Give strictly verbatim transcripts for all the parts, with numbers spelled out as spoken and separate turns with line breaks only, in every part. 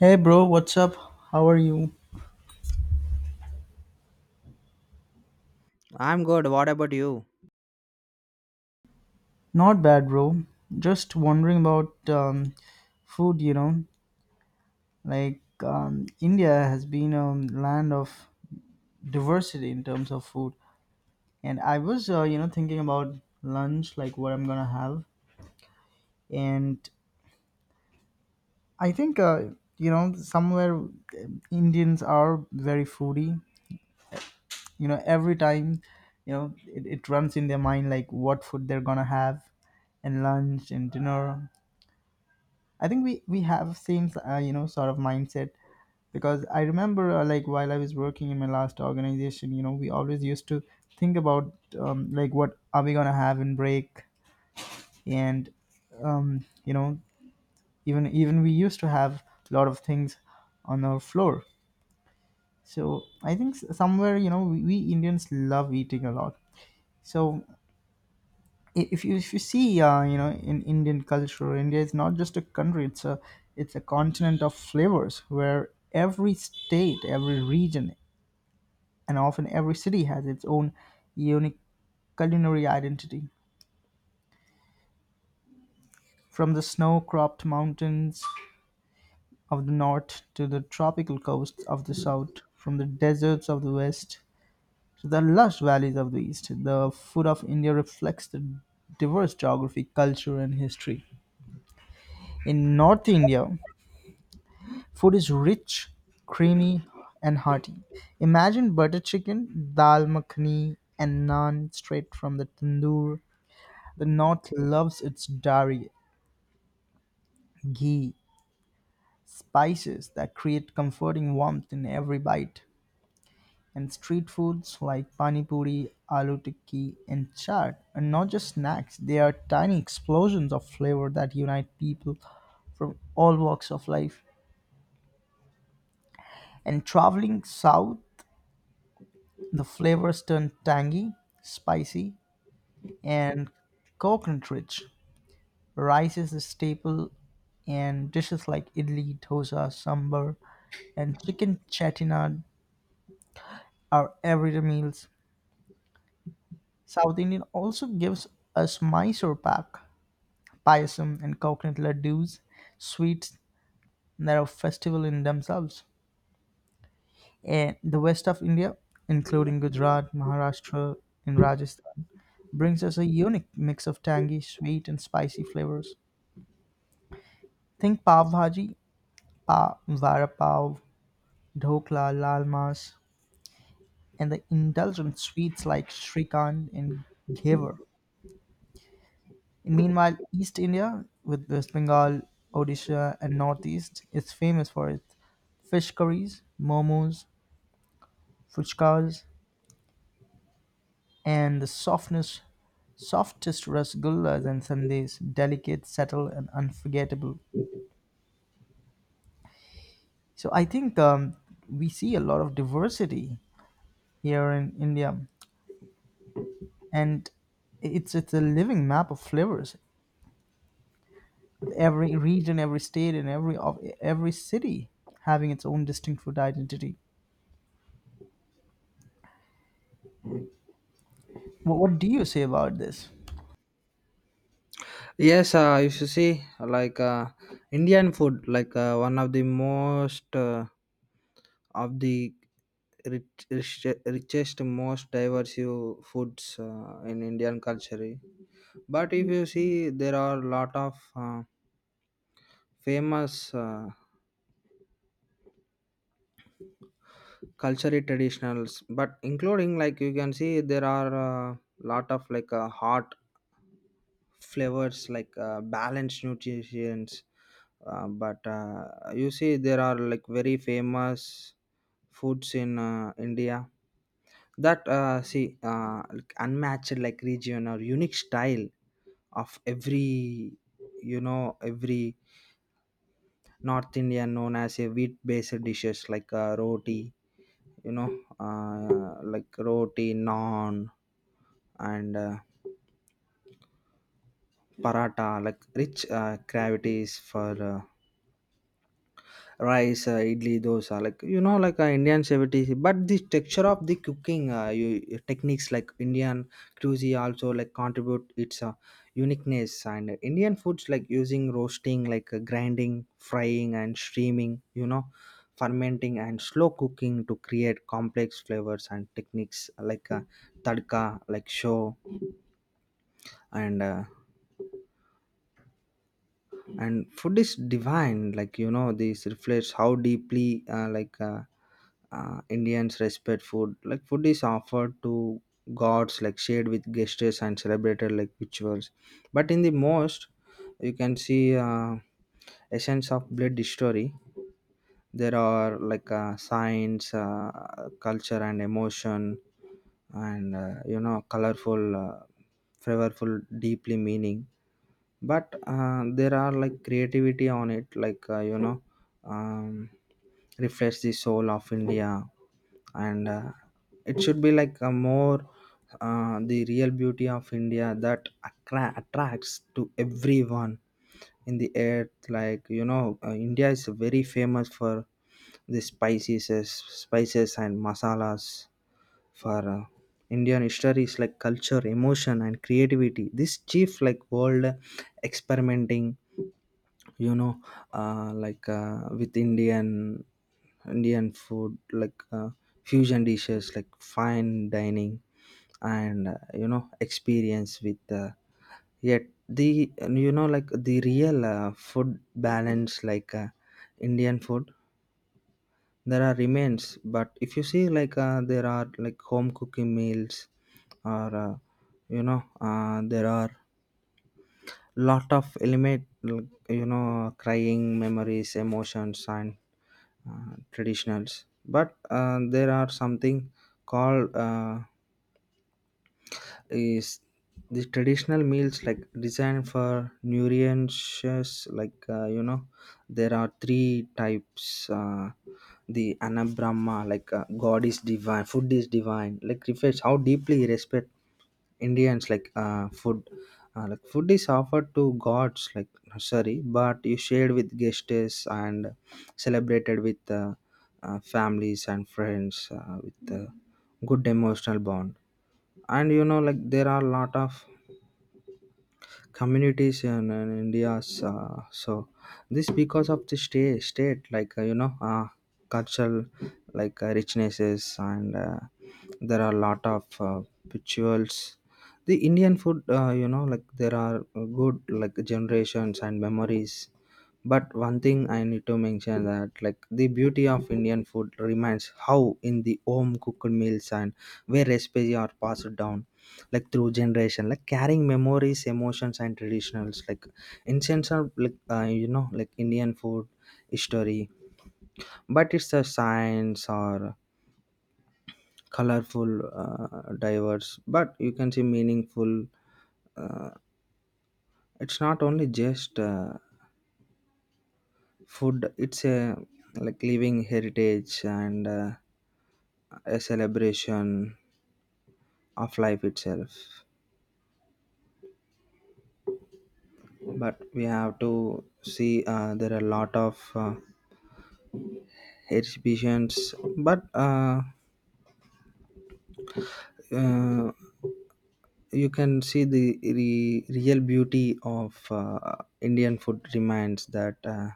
Hey bro, what's up? How are you?
I'm good. What about you?
Not bad, bro. Just wondering about um, food, you know. Like, um, India has been a land of diversity in terms of food. And I was, uh, you know, thinking about lunch, like what I'm gonna have. And I think, uh, you know, somewhere uh, Indians are very foodie. You know, every time, you know, it, it runs in their mind like what food they're gonna have and lunch and dinner. I think we we have same uh, you know sort of mindset because I remember uh, like while I was working in my last organization, you know, we always used to think about um, like what are we gonna have in break, and um, you know even even we used to have a lot of things on our floor. So I think s- somewhere you know we, we Indians love eating a lot. So i- if you if you see uh, you know in indian culture india is not just a country, it's a it's a continent of flavors where every state, every region, and often every city has its own unique culinary identity. From the snow-cropped mountains of the north to the tropical coasts of the south, from the deserts of the west to the lush valleys of the east, the food of india reflects the diverse geography, culture, and history. In north india, food is rich, creamy, and hearty. Imagine butter chicken, dal makhani, and naan straight from the tandoor. The North loves its dairy, ghee, spices that create comforting warmth in every bite. And street foods like pani puri, aloo tikki, and chaat are not just snacks, they are tiny explosions of flavor that unite people from all walks of life. And traveling south, the flavors turn tangy, spicy, and coconut rich. Rice is a staple and dishes like idli, dosa, sambar, and chicken chettinad are everyday meals. South Indian also gives us Mysore pak, payasam, and coconut laddus, sweets that are festival in themselves. Eh, the west of India, including Gujarat, Maharashtra, and Rajasthan, brings us a unique mix of tangy, sweet, and spicy flavors. Think pav bhaji, pa, vada pav, dhokla, lal mas, and the indulgent sweets like shrikand and ghevar. Meanwhile, East India, with West Bengal, Odisha, and Northeast, is famous for its fish curries, momos, fuchkas, and the softness, softest rasgullas and sundaes, delicate, subtle, and unforgettable. So I think um, we see a lot of diversity here in India, and it's it's a living map of flavors, with every region, every state, and every of every city having its own distinct food identity. What, what do you say about this?
Yes, uh, you should see like uh, Indian food, like uh, one of the most uh, of the rich, rich, richest, most diverse you foods uh, in Indian culture. But if you see, there are a lot of uh, famous uh, cultural traditionals. But including like you can see, there are a lot of like a hot flavors like uh, balanced nutrients uh, but uh, you see there are like very famous foods in uh, India that uh, see uh, like unmatched like region or unique style of every, you know every North India known as a wheat based dishes like uh, roti, you know uh, like roti naan and uh, paratha like rich uh, gravities for uh, rice, uh, idli dosa like you know like uh, Indian seventies but the texture of the cooking uh, you, techniques like Indian cuisine also like contribute its uh, uniqueness and Indian foods like using roasting like uh, grinding frying and steaming, you know fermenting and slow cooking to create complex flavors and techniques like uh, tadka like show and uh, and food is divine, like you know this reflects how deeply uh, like uh, uh, Indians respect food like food is offered to gods like shared with gestures and celebrated like rituals but in the most you can see uh, essence of blood history there are like uh, science uh, culture and emotion and, uh, you know colorful uh, flavorful deeply meaning but uh, there are like creativity on it like, uh, you know um, reflects the soul of India and uh, it should be like a more, uh, the real beauty of India that attra- attracts to everyone in the earth like you know uh, India is very famous for the spices, uh, spices and masalas for uh, Indian histories like culture emotion and creativity this chief like world experimenting, you know uh, like uh, with indian indian food like uh, fusion dishes like fine dining and, uh, you know experience with uh, yet the you know like the real uh, food balance like uh, Indian food there are remains but if you see like uh, there are like home cooking meals or uh, you know uh, there are lot of element like, you know crying memories emotions and uh, traditionals but uh, there are something called uh, is the traditional meals like designed for nutritious? Like, uh, you know there are three types, uh, the anabrahma like uh, god is divine food is divine like reflects how deeply he respect Indians like uh, food, uh, like food is offered to gods like no, sorry but you shared with guests and celebrated with uh, uh, families and friends uh, with uh, good emotional bond and you know like there are a lot of communities in, in India's, uh, so this because of the state state like, uh, you know uh, cultural like uh, richnesses and uh, there are a lot of uh, rituals the Indian food, uh, you know like there are good like generations and memories but one thing I need to mention that like the beauty of Indian food remains how in the home cooked meals and where recipes are passed down like through generation like carrying memories emotions and traditionals like incense are like, uh, you know like Indian food history but it's a science or colorful, uh, diverse but you can see meaningful. uh, it's not only just uh, food, it's a like living heritage and uh, a celebration of life itself but we have to see uh, there are a lot of uh, exhibitions but uh, uh, you can see the re- real beauty of uh, Indian food remains that uh,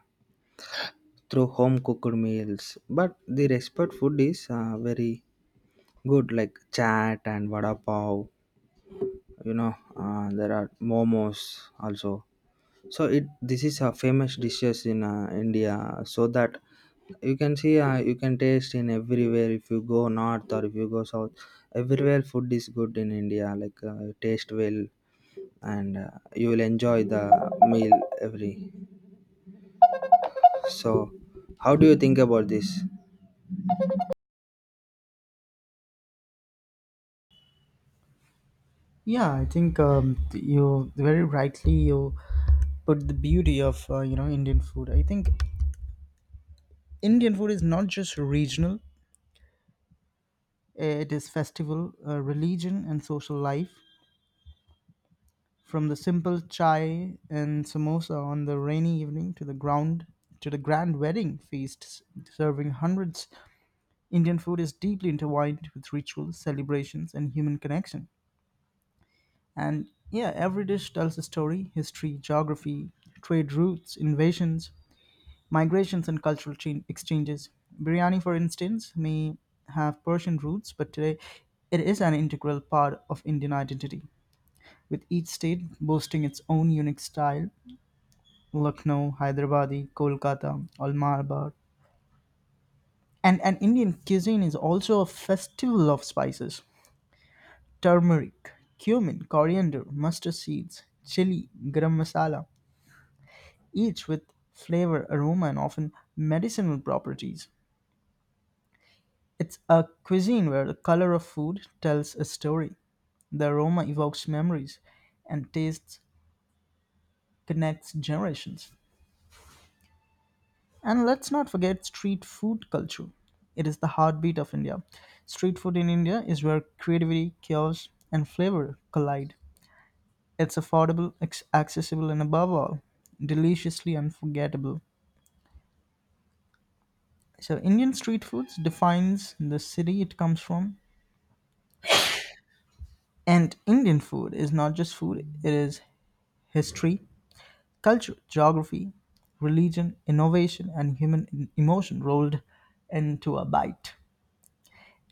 through home cooked meals but the respect food is uh, very good like chat and vada pav, you know uh, there are momos also so it this is a famous dishes in uh, India so that you can see, uh, you can taste in everywhere if you go north or if you go south. Everywhere food is good in India like uh, taste well and uh, you will enjoy the meal every so how do you think about this?
Yeah, I think um, you very rightly you put the beauty of uh, you know Indian food. I think Indian food is not just regional, eh, it is festival, uh, religion, and social life. From the simple chai and samosa on the rainy evening to the ground to the grand wedding feasts serving hundreds, Indian food is deeply intertwined with rituals, celebrations, and human connection. And yeah, every dish tells a story, history, geography, trade routes, invasions, migrations, and cultural chain exchanges. Biryani, for instance, may have Persian roots, but today it is an integral part of Indian identity, with each state boasting its own unique style: Lucknow, Hyderabadi, Kolkata, or Malabar. And, and Indian cuisine is also a festival of spices. Turmeric, cumin, coriander, mustard seeds, chili, garam masala, each with flavor, aroma, and often medicinal properties. It's a cuisine where the color of food tells a story, the aroma evokes memories, and taste connects generations. And let's not forget street food culture. It is the heartbeat of India. Street food in India is where creativity, chaos, and flavor collide. It's affordable, ex- accessible, and above all, deliciously unforgettable. So, Indian street foods defines the city it comes from. And Indian food is not just food, it is history, culture, geography, religion, innovation, and human e- emotion rolled into a bite.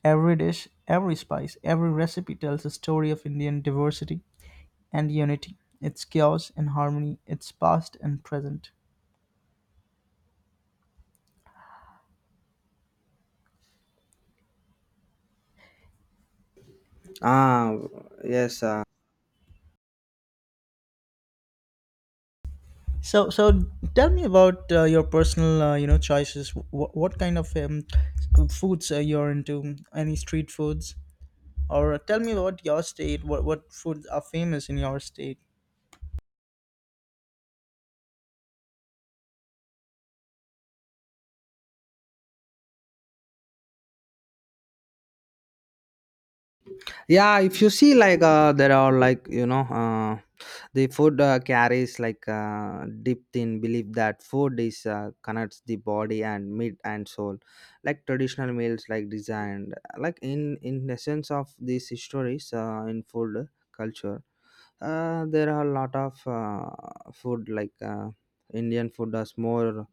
Every dish, every spice, every recipe tells a story of Indian diversity and unity, its chaos and harmony, its past and present.
Ah, yes, uh,
So, so tell me about uh, your personal, uh, you know, choices. Wh- what kind of um, foods uh, you're into? Any street foods? Or tell me about your state. What what foods are famous in your state?
yeah if you see like uh, there are like, you know uh, the food uh, carries like uh, deep in belief that food is uh, connects the body and meat and soul like traditional meals like designed like in in the sense of these stories uh, in food culture. Uh, there are a lot of uh, food like, uh, Indian food as more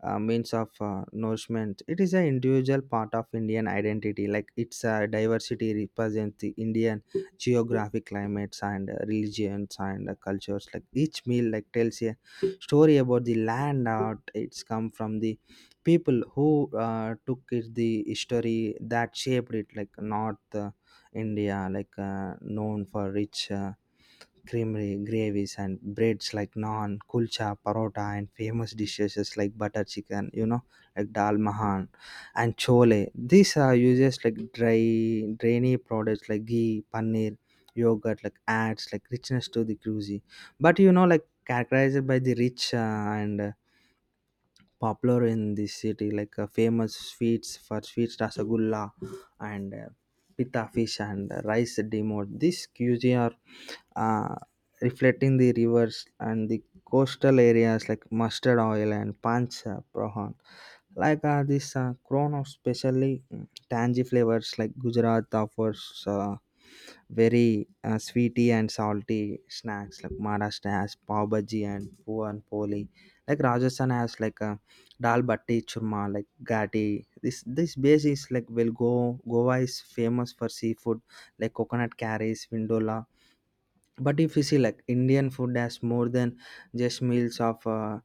uh, means of uh, nourishment. It is an individual part of Indian identity, like its uh, diversity represents the Indian geographic climates and uh, religions and uh, cultures. Like each meal, like tells a story about the land out it's come from, the people who uh, took it, the history that shaped it, like North uh, India, like uh, known for rich. Uh, creamery gravies and breads like naan kulcha parota and famous dishes like butter chicken, you know like dal mahan and chole, these are uses like dry drainy products like ghee paneer yogurt like adds like richness to the cuisine but you know like characterized by the rich uh, and uh, popular in this city like uh, famous sweets for sweets rasagulla and uh, pita fish and uh, rice demot this cuisine are uh, reflecting the rivers and the coastal areas like mustard oil and punch uh, prawn like uh, this uh, crown of specially mm, tangy flavors like Gujarat offers uh, very uh, sweety and salty snacks like Maharashtra has pav bhaji and puan poli like Rajasthan has like a dal bati churma like gati this this base is like well go, Goa is famous for seafood like coconut curries vindola but if you see like Indian food has more than just meals of uh,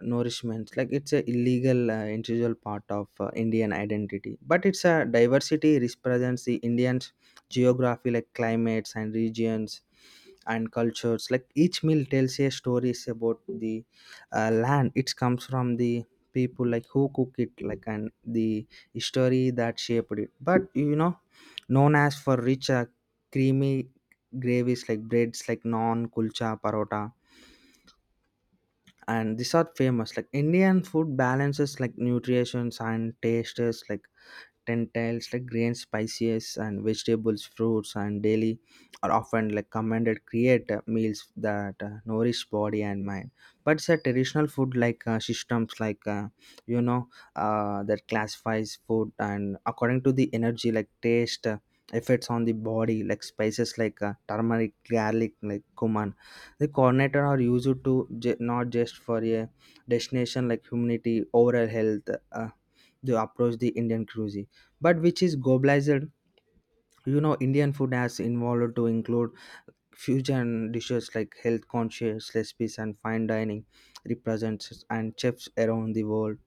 nourishment like it's a illegal uh, integral part of uh, Indian identity but it's a diversity represents the Indians geography like climates and regions and cultures like each meal tells a stories about the uh, land it comes from, the people like who cook it like and the history that shaped it but you know known as for rich uh, creamy gravies like breads like naan kulcha parota and these are famous like Indian food balances like nutrition and tastes like tentacles like grains spices and vegetables fruits and daily are often like commanded create uh, meals that uh, nourish body and mind but it's a traditional food like uh, systems like, uh, you know uh, that classifies food and according to the energy like taste uh, effects on the body like spices like uh, turmeric garlic like cumin the coordinator are used to ju- not just for a destination like humanity overall health. uh, they approach the Indian cuisine, but which is globalized. You know, Indian food has evolved to include fusion dishes like health conscious recipes and fine dining represents and chefs around the world.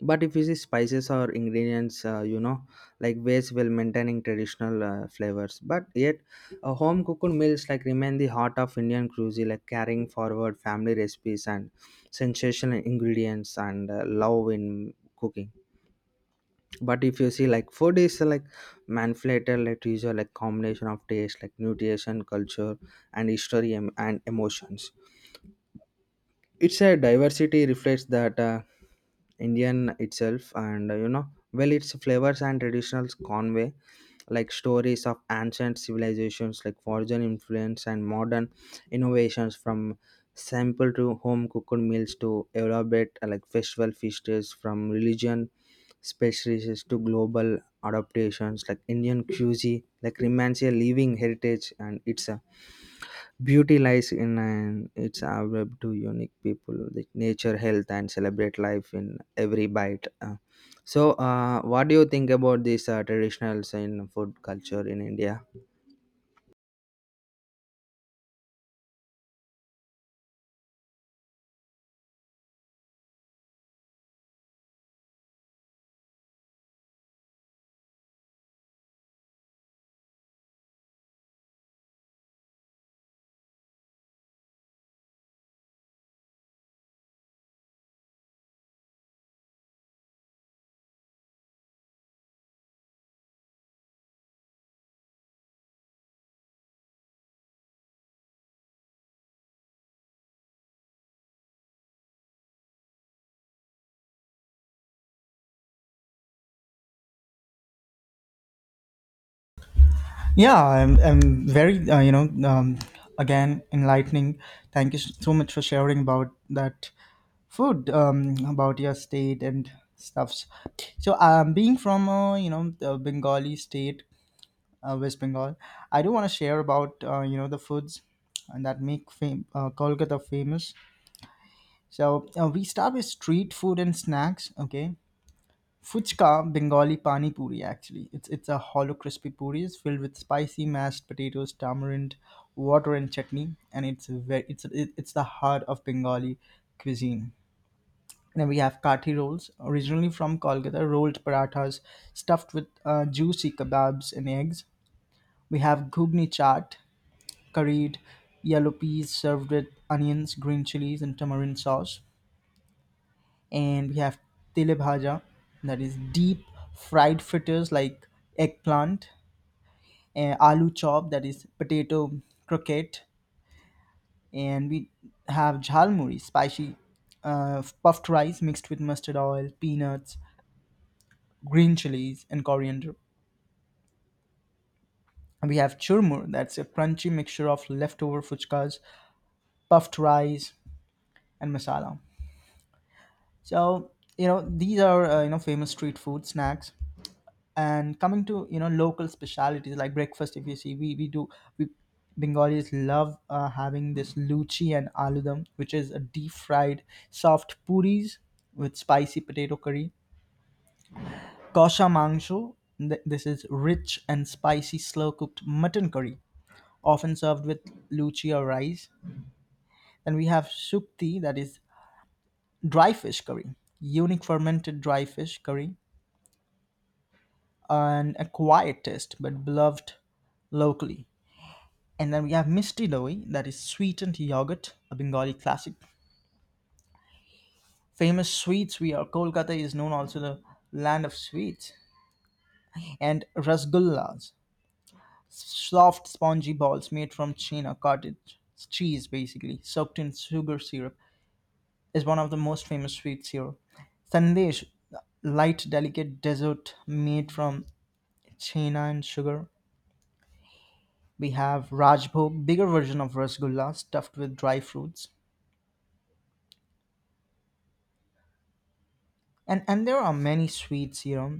But if you see spices or ingredients, uh, you know, like ways while maintaining traditional uh, flavors. But yet, uh, home cooked meals like remain the heart of Indian cuisine, like carrying forward family recipes and sensational ingredients and uh, love in cooking. But if you see like food is, uh, like manipulated like usual like combination of taste like nutrition culture and history em- and emotions, it's a diversity reflects that uh, Indian itself, and, uh, you know, well, its flavors and traditionals convey like stories of ancient civilizations, like foreign influence and modern innovations from simple to home cooked meals to elaborate uh, like festival feasts from religion specialties to global adaptations like Indian cuisine like remains a living heritage and it's a beauty lies in an, its web to unique people, like nature, health, and celebrate life in every bite. Uh, so, uh, what do you think about these uh, traditionals in food culture in India?
Yeah, I'm, I'm very, uh, you know, um, again, enlightening. Thank you s- so much for sharing about that food, um, about your state and stuffs. So, um, being from, uh, you know, the Bengali state, uh, West Bengal, I do want to share about, uh, you know, the foods and that make fam- uh, Kolkata famous. So, uh, we start with street food and snacks, okay? Fuchka, Bengali pani puri actually. It's it's a hollow crispy puri is filled with spicy mashed potatoes, tamarind, water, and chutney, and it's a very it's it- it's the heart of Bengali cuisine. Then we have kathi rolls, originally from Kolkata, rolled parathas stuffed with uh, juicy kebabs and eggs. We have ghugni chaat, curried yellow peas served with onions, green chilies, and tamarind sauce, and we have tele bhaja, that is deep fried fritters like eggplant, and aloo chop, that is potato croquette, and we have jhalmuri, spicy uh, puffed rice mixed with mustard oil, peanuts, green chilies, and coriander. And we have churmur, that's a crunchy mixture of leftover fuchkas, puffed rice, and masala. So you know these are uh, you know famous street food snacks, and coming to you know local specialities like breakfast, if you see we we do we bengalis love uh, having this luchi and aloo dum, which is a deep fried soft puris with spicy potato curry. Kosha mangsho, th- this is rich and spicy slow cooked mutton curry, often served with luchi or rice. Then we have sukti, that is dry fish curry, unique fermented dry fish curry and a quiet taste but beloved locally. And then we have Misti Loi, that is sweetened yogurt, a Bengali classic. Famous sweets, we are Kolkata is known also the land of sweets. And rasgullas, soft spongy balls made from chena cottage cheese, basically soaked in sugar syrup, is one of the most famous sweets here. Sandesh, light delicate dessert made from chena and sugar. We have Rajbhog, bigger version of rasgulla stuffed with dry fruits. And and there are many sweets here.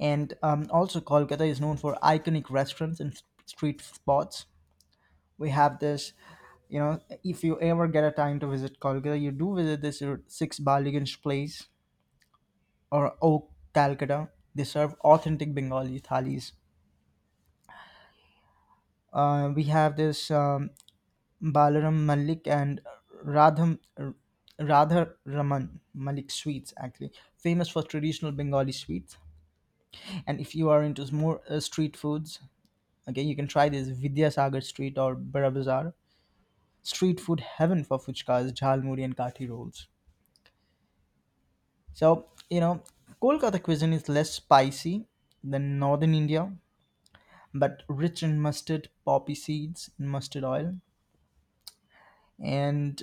And um, also, Kolkata is known for iconic restaurants and s- street spots. We have this, you know, if you ever get a time to visit Kolkata, you do visit this uh, Six Baliganj place or Oak Calcutta. They serve authentic Bengali thalis. Uh, we have this um, Balaram Malik and Radham, Radha Raman Malik sweets, actually, famous for traditional Bengali sweets. And if you are into more uh, street foods, okay, you can try this Vidyasagar Street or Bara Bazaar. Street food heaven for fuchkas, jhalmuri, and kathi rolls. So, you know, Kolkata cuisine is less spicy than northern India, but rich in mustard, poppy seeds, and mustard oil. And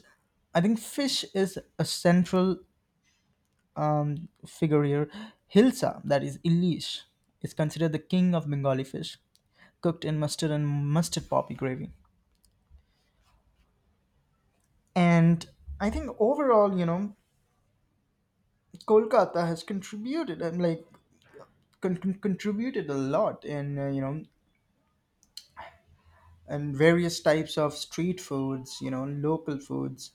I think fish is a central um, figure here. Hilsa, that is Ilish, is considered the king of Bengali fish, cooked in mustard and mustard poppy gravy. And I think overall, you know, Kolkata has contributed and like con- con- contributed a lot in uh, you know and various types of street foods, you know, local foods,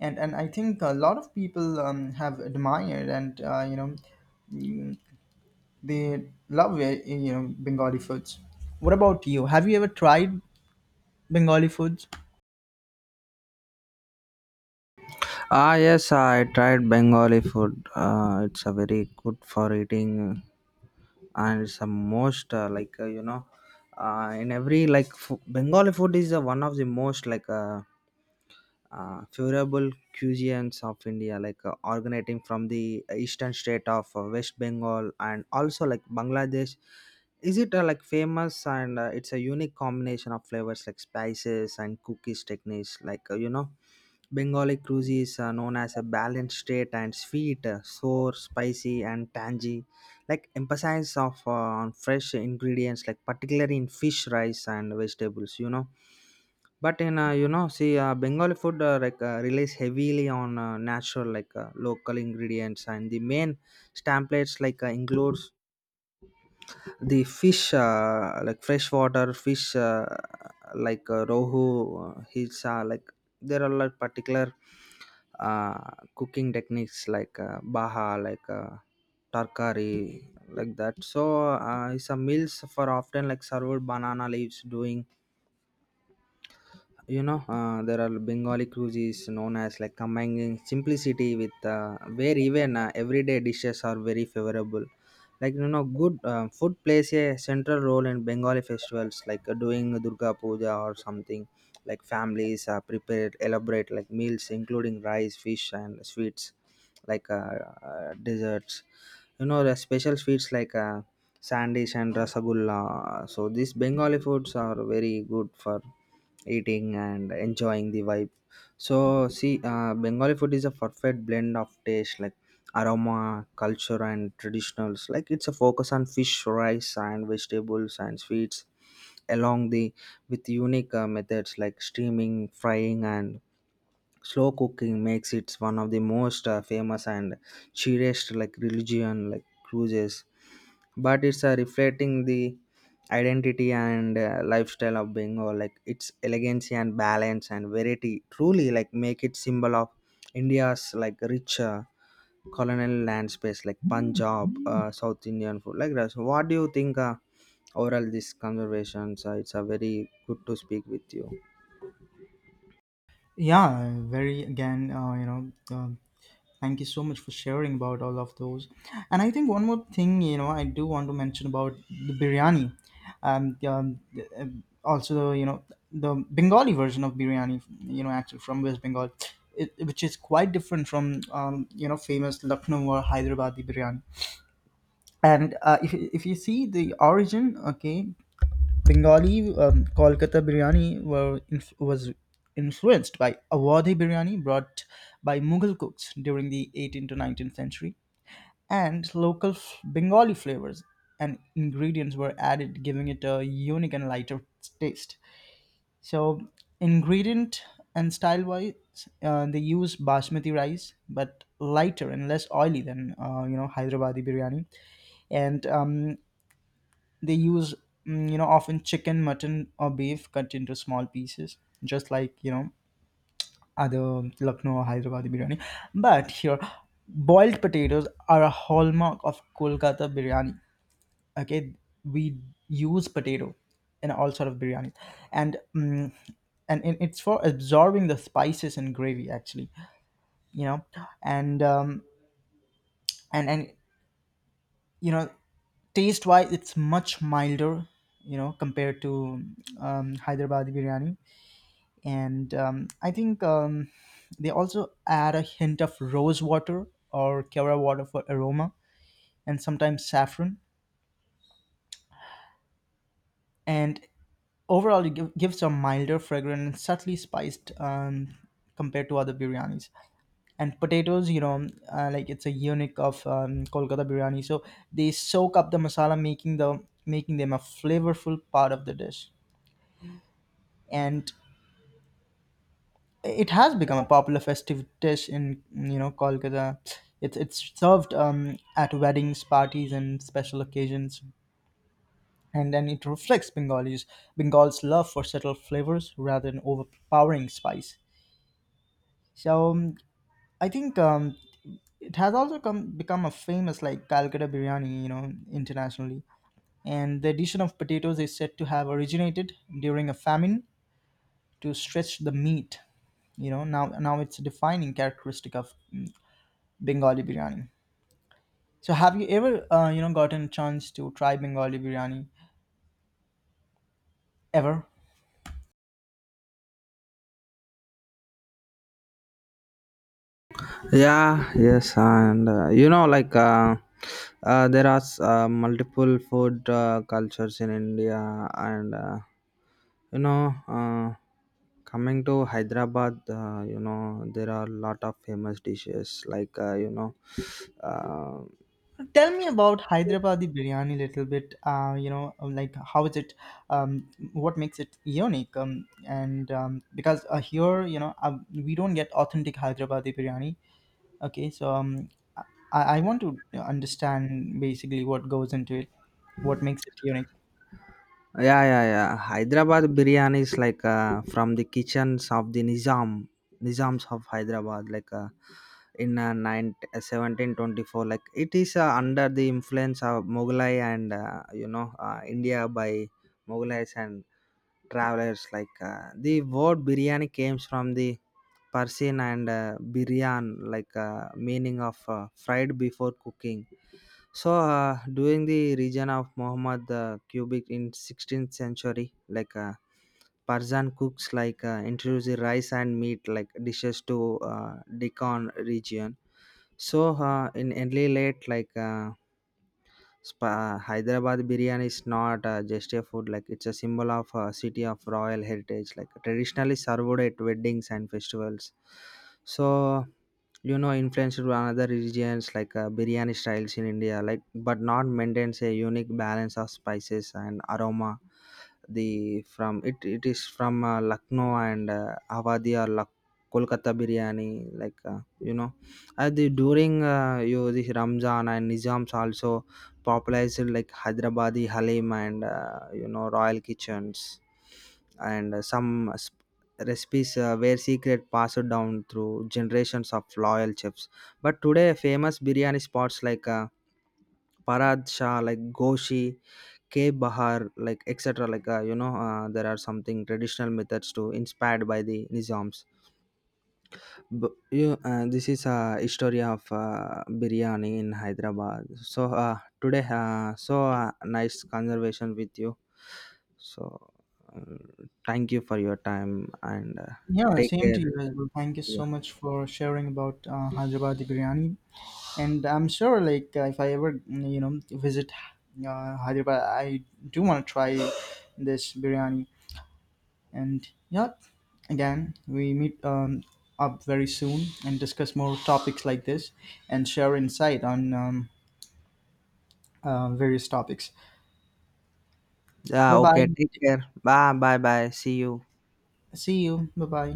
and and I think a lot of people um, have admired and uh, you know mm, they love uh, you know Bengali foods. What about you? Have you ever tried Bengali foods?
Ah, yes, I tried Bengali food. Uh, it's a very good for eating, and it's the most uh, like, uh, you know, uh, in every like f- Bengali food is uh, one of the most like. Uh, uh, favorable cuisines of India, like uh, originating from the eastern state of uh, West Bengal and also like Bangladesh. Is it uh, like famous and uh, it's a unique combination of flavors like spices and cookies techniques, like uh, you know. Bengali cuisines are known as a balanced state and sweet, uh, sour, spicy, and tangy. Like emphasis of uh, on fresh ingredients, like particularly in fish, rice, and vegetables. You know, but in uh, you know, see, uh, Bengali food uh, like uh, relies heavily on uh, natural, like uh, local ingredients, and the main stamp plates like uh, includes the fish, uh, like freshwater fish, uh, like uh, rohu, uh, hilsa, like there are like particular uh, cooking techniques like uh, baha, like uh, tarkari, like that. So uh, it's a meals for often like served banana leaves doing you know uh, there are bengali cuisines known as like combining simplicity with uh, where even uh, everyday dishes are very favorable like you know good uh, food plays a central role in bengali festivals like uh, doing durga puja or something like families uh, prepare elaborate like meals including rice fish and sweets like uh, uh, desserts. You know the special sweets like uh, sandish and rasagulla. So these bengali foods are very good for eating and enjoying the vibe. So see uh, bengali food is a perfect blend of taste like aroma culture and traditionals like it's a focus on fish rice and vegetables and sweets along the with unique uh, methods like steaming frying and slow cooking makes it one of the most uh, famous and cherished like religion like cruises but it's uh, reflecting the identity and uh, lifestyle of bengal like its elegance and balance and variety truly like make it symbol of india's like rich uh, colonial land space like punjab uh, south indian food like that. So what do you think uh, overall this conservations uh, it's a very good to speak with you.
Yeah, very again, uh, you know. um Thank you so much for sharing about all of those. And I think one more thing, you know, I do want to mention about the biryani. Um, um, uh, Also, you know, the Bengali version of biryani, you know, actually from West Bengal, it, which is quite different from, um, you know, famous Lucknow or Hyderabadi biryani. And uh, if, if you see the origin, okay, Bengali um, Kolkata biryani were inf- was influenced by Awadhi biryani brought by Mughal cooks during the eighteenth to nineteenth century, and local f- Bengali flavors and ingredients were added, giving it a unique and lighter taste. So, ingredient and style wise, uh, they use basmati rice, but lighter and less oily than uh, you know Hyderabadi biryani, and um, they use, mm, you know, often chicken, mutton, or beef cut into small pieces, just like, you know, other Lucknow or Hyderabad biryani. But here, boiled potatoes are a hallmark of Kolkata biryani. Okay, we use potato in all sort of biryani, and mm and it- it's for absorbing the spices and gravy actually. You know, and um, and and you know taste wise it's much milder, you know, compared to um, hyderabadi biryani, and um, I think um, they also add a hint of rose water or kera water for aroma, and sometimes saffron, and overall it give, gives a milder fragrant and subtly spiced um, compared to other biryanis. And potatoes you know uh, like it's a unique of um, kolkata biryani, so they soak up the masala, making the making them a flavorful part of the dish. And it has become a popular festive dish in you know Kolkata. It's it's served um, at weddings, parties, and special occasions, and then it reflects Bengalis Bengal's love for subtle flavors rather than overpowering spice. So um, I think um, it has also come become a famous like Calcutta biryani, you know, internationally. And the addition of potatoes is said to have originated during a famine to stretch the meat. You know, now now it's a defining characteristic of Bengali biryani. So, have you ever, uh, you know, gotten a chance to try Bengali biryani ever?
Yeah, yes, and uh, you know, like uh, uh, there are s- uh, multiple food uh, cultures in India, and uh, you know, uh, coming to Hyderabad, uh, you know, there are a lot of famous dishes, like uh, you know, uh,
Tell me about Hyderabadi biryani a little bit. Uh, you know, like how is it? Um, what makes it unique? Um, and um, Because uh, here, you know, uh, we don't get authentic Hyderabadi biryani. Okay, so um, I, I want to understand basically what goes into it, what makes it unique.
yeah, yeah, yeah. Hyderabad biryani is like uh, from the kitchens of the Nizam, Nizams of Hyderabad, like uh, in uh, nine, uh, seventeen twenty-four. Like it is uh, under the influence of Mughalai and uh, you know uh, India by Mughals and travelers like uh, the word biryani comes from the persian and uh, biryan like uh, meaning of uh, fried before cooking. So uh, during the region of muhammad uh, cubic in sixteenth century like uh, persian cooks like uh, introduced the rice and meat like dishes to uh, deccan region. So uh, in early late like uh, Spa- hyderabad biryani is not uh, just a food like it's a symbol of a city of royal heritage like traditionally served at weddings and festivals. So you know influenced by another regions like uh, biryani styles in india like but not maintains a unique balance of spices and aroma the from it it is from uh, lucknow and uh, awadhi or Lak- kolkata biryani like uh, you know at the during uh, you this ramzan and nizams also popularized like hyderabadi halim and uh, you know royal kitchens and uh, some recipes uh, were secret passed down through generations of loyal chefs. But today, famous biryani spots like uh, Parad Shah, like Goshi, K Bahar, like et cetera. Like uh, you know, uh, there are something traditional methods to inspired by the Nizams. B- you, uh, this is a history of uh, biryani in Hyderabad. So uh, today, uh, so uh, nice conversation with you. So uh, thank you for your time and uh,
Yeah,
take
same to
care.
you as well. Thank you so much for sharing about uh, Hyderabadi biryani. And I'm sure like uh, if I ever mm, you know visit uh, hyderabad, I do want to try this biryani. And yeah, again we meet um, up very soon and discuss more topics like this, and share insight on um, uh, various topics. Bye
Yeah, okay. Take
bye,
care. Bye, bye, bye. See you.
see you, bye bye.